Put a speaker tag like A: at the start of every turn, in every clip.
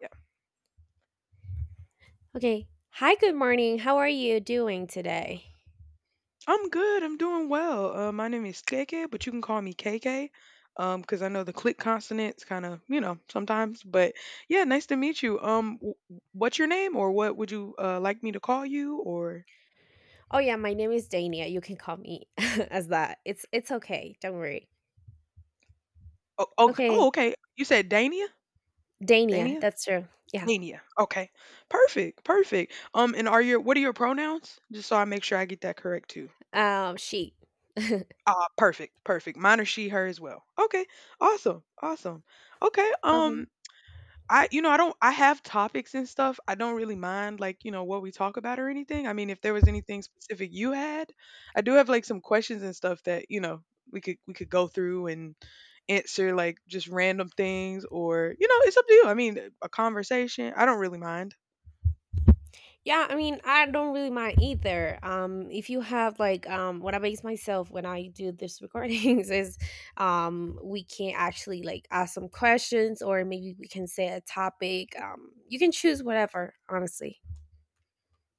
A: Yeah,
B: Okay. Hi, good morning. How are you doing today?
A: I'm good. I'm doing well. My name is KK, but you can call me KK, because I know the click consonants kind of, you know, sometimes. But yeah, nice to meet you. What's your name, or what would you like me to call you, or
B: Oh yeah, my name is Dania. You can call me as that. It's okay. Don't worry.
A: oh, oh,
B: Okay.
A: oh okay. You said Dania,
B: Dania,
A: Dania,
B: that's true. Yeah.
A: Dania. Okay, perfect, perfect. And are your what are your pronouns? Just so I make sure I get that correct too.
B: She.
A: Ah, perfect, perfect. Mine are she, her as well. Okay, awesome, awesome. Okay, um,
B: Okay.
A: I you know, I don't I have topics and stuff. I don't really mind like, you know, what we talk about or anything. I mean, if there was anything specific you had, I do have like some questions and stuff that, you know, we could go through and answer like just random things or, you know, it's up to you. I mean, a conversation, I don't really mind.
B: Yeah, I mean, I don't really mind either. If you have like what I base myself when I do this recordings is we can actually like ask some questions, or maybe we can say a topic. You can choose whatever, honestly.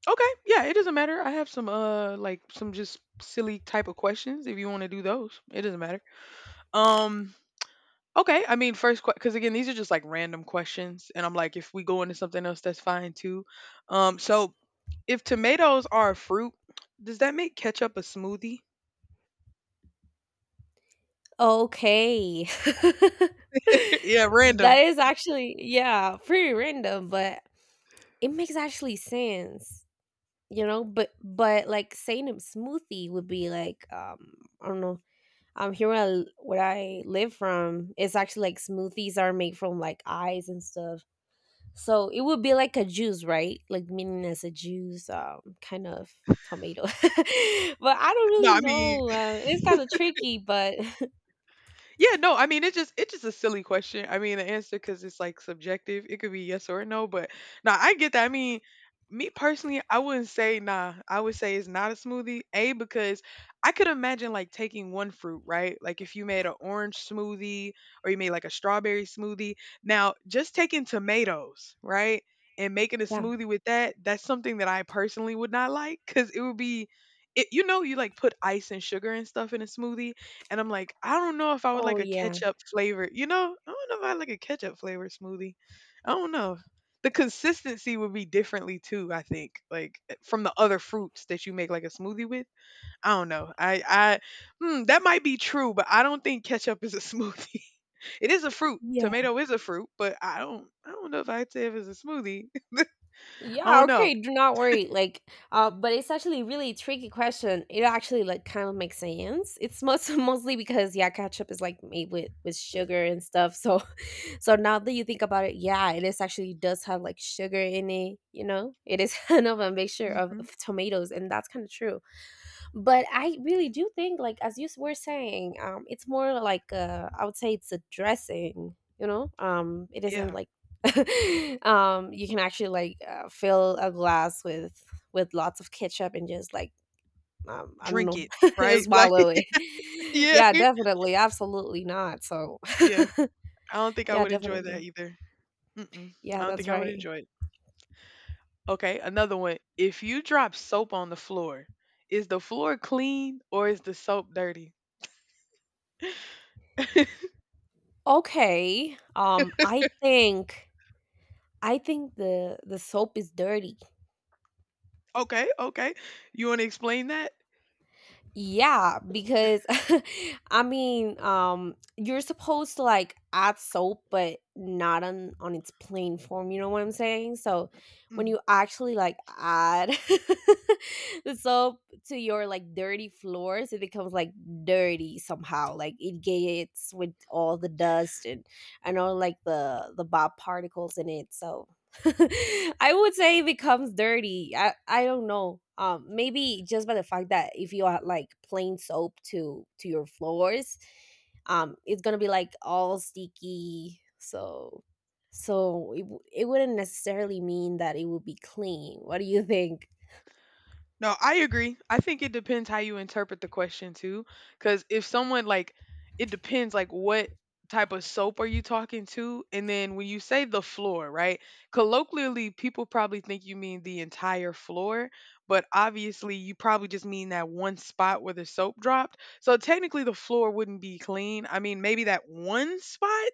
A: Okay. Yeah, it doesn't matter. I have some like some just silly type of questions if you want to do those. It doesn't matter. Um Okay, I mean, first, because again, these are just like random questions, and I'm like, if we go into something else, that's fine too. So if tomatoes are a fruit, does that make ketchup a smoothie?
B: Okay.
A: Yeah,
B: That
A: random.
B: is actually, yeah, pretty random, but it makes actually sense, you know? But like saying a smoothie would be like I don't know. Here where I live from, it's actually like smoothies are made from like eyes and stuff. So it would be like a juice, right? Like meaning as a juice, kind of tomato. But I don't
A: No,
B: really
A: I mean,
B: know. It's kind of tricky, but
A: yeah, no, I mean it's just a silly question. I mean the answer because it's like subjective. It could be yes or no, but nah, I get that. I mean, me personally, I wouldn't say nah. I would say it's not a smoothie. A because I could imagine like taking one fruit, right? Like if you made an orange smoothie or you made like a strawberry smoothie. Now, just taking tomatoes, right? And making a
B: yeah.
A: smoothie with that, that's something that I personally would not like because it would be, it, you know, you like put ice and sugar and stuff in a smoothie and I'm like, I don't know if I would
B: Oh
A: like a
B: yeah,
A: ketchup flavor, you know? I don't know if I like a ketchup flavor smoothie. I don't know. The consistency would be differently too, I think. Like from the other fruits that you make like a smoothie with. I don't know. I that might be true, but I don't think ketchup is a smoothie. It is a fruit.
B: yeah.
A: Tomato is a fruit, but I don't know if I'd say if it's a smoothie. I
B: Yeah,
A: don't know.
B: okay, do not worry. Like, but it's actually really tricky question. It actually like kind of makes sense. It's most mostly because, yeah, ketchup is like made with sugar and stuff. So, so now that you think about it, yeah, it is actually does have like sugar in it. You know, it is kind of a mixture of,
A: Hmm.
B: of tomatoes, and that's kind of true. But I really do think, like as you were saying, it's more like, I would say it's a dressing, you know? It isn't
A: Yeah.
B: like you can actually like fill a glass with lots of ketchup and just like I don't
A: Drink
B: know,
A: it, right? Like
B: swallow it.
A: yeah.
B: Yeah, definitely absolutely not, so.
A: Yeah. I don't think I
B: Yeah,
A: would enjoy that
B: definitely.
A: either. Mm-mm. I
B: Yeah,
A: don't
B: that's
A: think I would
B: right.
A: enjoy it. Okay, another one. If you drop soap on the floor, is the floor clean or is the soap dirty?
B: Okay, I think I think the soap is dirty.
A: Okay, okay. You want to explain that?
B: Yeah, because I mean, you're supposed to like add soap, but not on its plain form. You know what I'm saying? So when
A: Mm-hmm.
B: you actually like add the soap to your like dirty floors, it becomes like dirty somehow. Like it gets with all the dust and all like the bob particles in it. So I would say it becomes dirty. I don't know. Maybe just by the fact that if you add like plain soap to your floors, it's gonna be like all sticky. So so it, it wouldn't necessarily mean that it would be clean. What do you think?
A: No, I agree. I think it depends how you interpret the question too, because if someone like, it depends like what type of soap are you talking to, and then when you say the floor, right? Colloquially, people probably think you mean the entire floor, but obviously you probably just mean that one spot where the soap dropped. So technically, the floor wouldn't be clean. I mean, maybe that one spot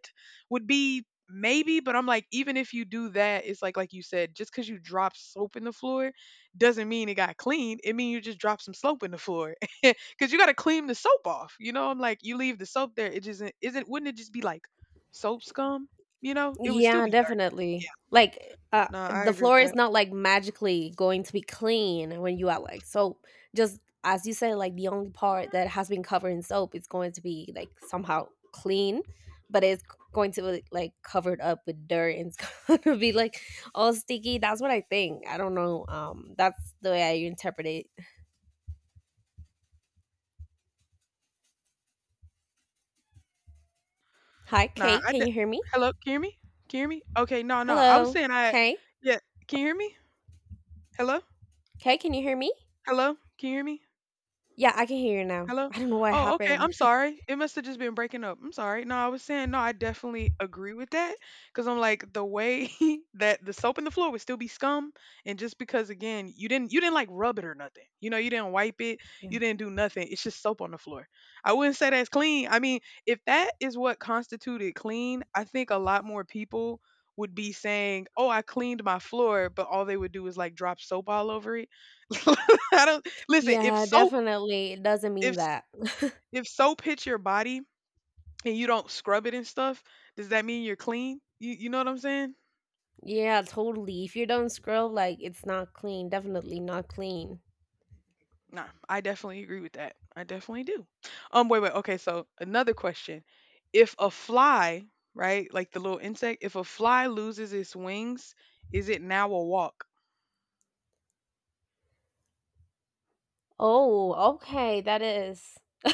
A: would be. Maybe, but I'm like, even if you do that, it's like you said, just because you drop soap in the floor doesn't mean it got clean. It mean you just dropped some soap in the floor because you got to clean the soap off. You know, I'm like, you leave the soap there, it just isn't. Isn't- Wouldn't it just be like soap scum? You know, it would still
B: Yeah,
A: be dark. Yeah.
B: definitely. Like,
A: No, I
B: the
A: agree with
B: floor is
A: that.
B: not like magically going to be clean when you add like soap. Just as you say, like the only part that has been covered in soap is going to be like somehow clean, but going to be like covered up with dirt, and it's going to be like all sticky. That's what I think. I don't know. That's the way I interpret it. Hi,
A: Nah,
B: Kay.
A: I. d-
B: Can you hear me?
A: Hello, can you hear me? Can you hear me? Okay. No, no. I was
B: Hello,
A: saying I.
B: Kay.
A: Yeah. Can you hear me? Hello.
B: Kay, can you hear me?
A: Hello. Can you hear me?
B: Yeah, I can hear you now.
A: Hello?
B: I don't know what
A: Oh, okay,
B: happened.
A: I'm sorry. It must have just been breaking up. I'm sorry. No, I was saying, no, I definitely agree with that because I'm like the way that the soap in the floor would still be scum, and just because again you didn't like rub it or nothing. You know, you didn't wipe it,
B: Yeah.
A: you didn't do nothing. It's just soap on the floor. I wouldn't say that's clean. I mean, if that is what constituted clean, I think a lot more people would be saying, "Oh, I cleaned my floor," but all they would do is like drop soap all over it. I don't listen.
B: Yeah, definitely. It doesn't
A: If
B: mean that.
A: if soap hits your body and you don't scrub it and stuff, does that mean you're clean? You know what I'm saying?
B: Yeah, totally. If you don't scrub, like it's not clean. Definitely not clean.
A: Nah, I definitely agree with that. I definitely do. Wait, wait. Okay, so another question: if a fly, right, like the little insect, if a fly loses its wings, is it now a walk?
B: Oh, okay, that is.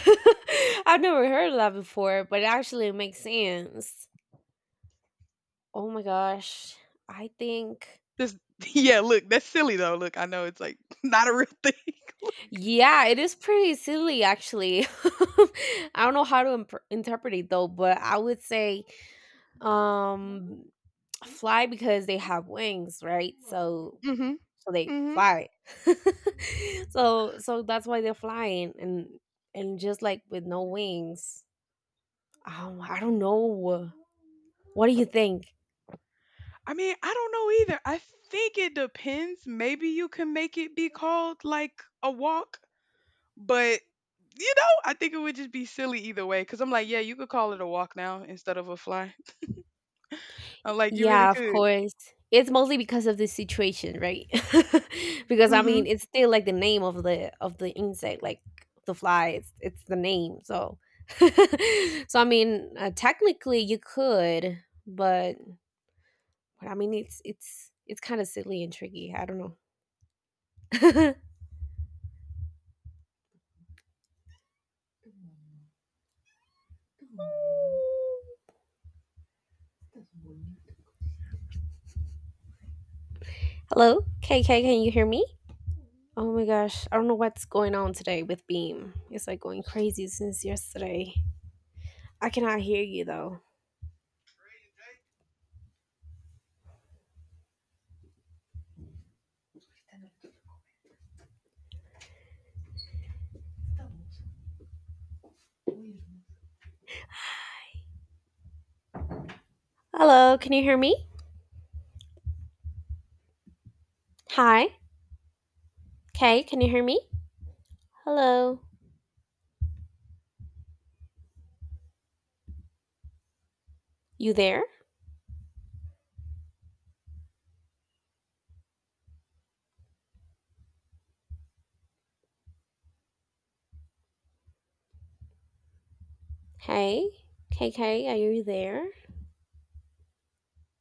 B: I've never heard of that before, but it actually makes sense. Oh my gosh. I think
A: This, yeah. Look, that's silly though. Look, I know it's like not a real thing.
B: yeah, it is pretty silly actually. I don't know how to interpret it though, but I would say um fly because they have wings, right? So
A: Hmm.
B: so they
A: Hmm.
B: fly. So that's why they're flying, and just like with no wings, I don't know. What do you think?
A: I mean, I don't know either. I think it depends. Maybe you can make it be called like a walk. But you know, I think it would just be silly either way because I'm like, yeah, you could call it a walk now instead of a fly. I'm like, you really
B: Yeah, of
A: could.
B: course. It's mostly because of this situation, right? Because I
A: Mhm.
B: mean it's still like the name of the insect, like the fly. It's the name, so so I mean, technically you could. But but I mean, it's kind of silly and tricky. I don't know. Hello, KK, can you hear me? Oh my gosh, I don't know what's going on today with Beam. It's like going crazy since yesterday. I cannot hear you though. Hello, can you hear me? Hi, K. Can you hear me? Hello, you there? Hey, KK, are you there?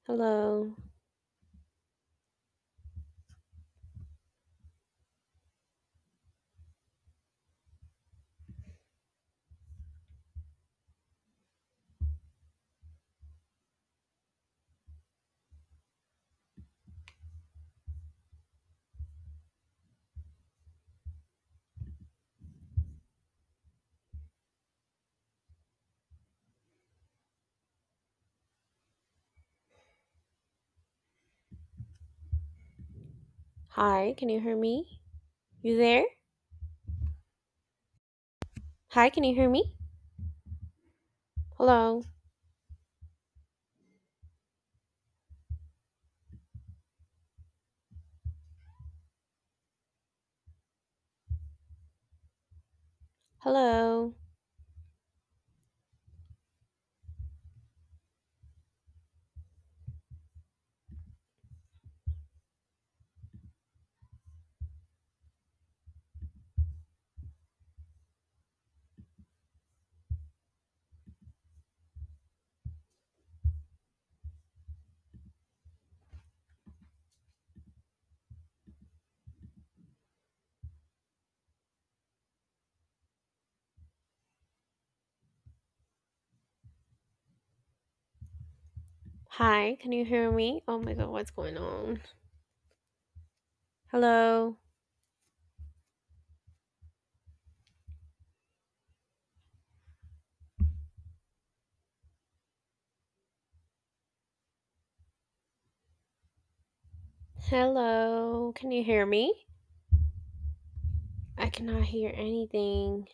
B: Hello, hi, can you hear me? You there? Hi, can you hear me? Hello, hello, hi, can you hear me? Oh my god, what's going on? Hello, hello, can you hear me? I cannot hear anything.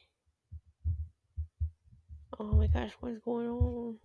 B: Oh my gosh, what's going on?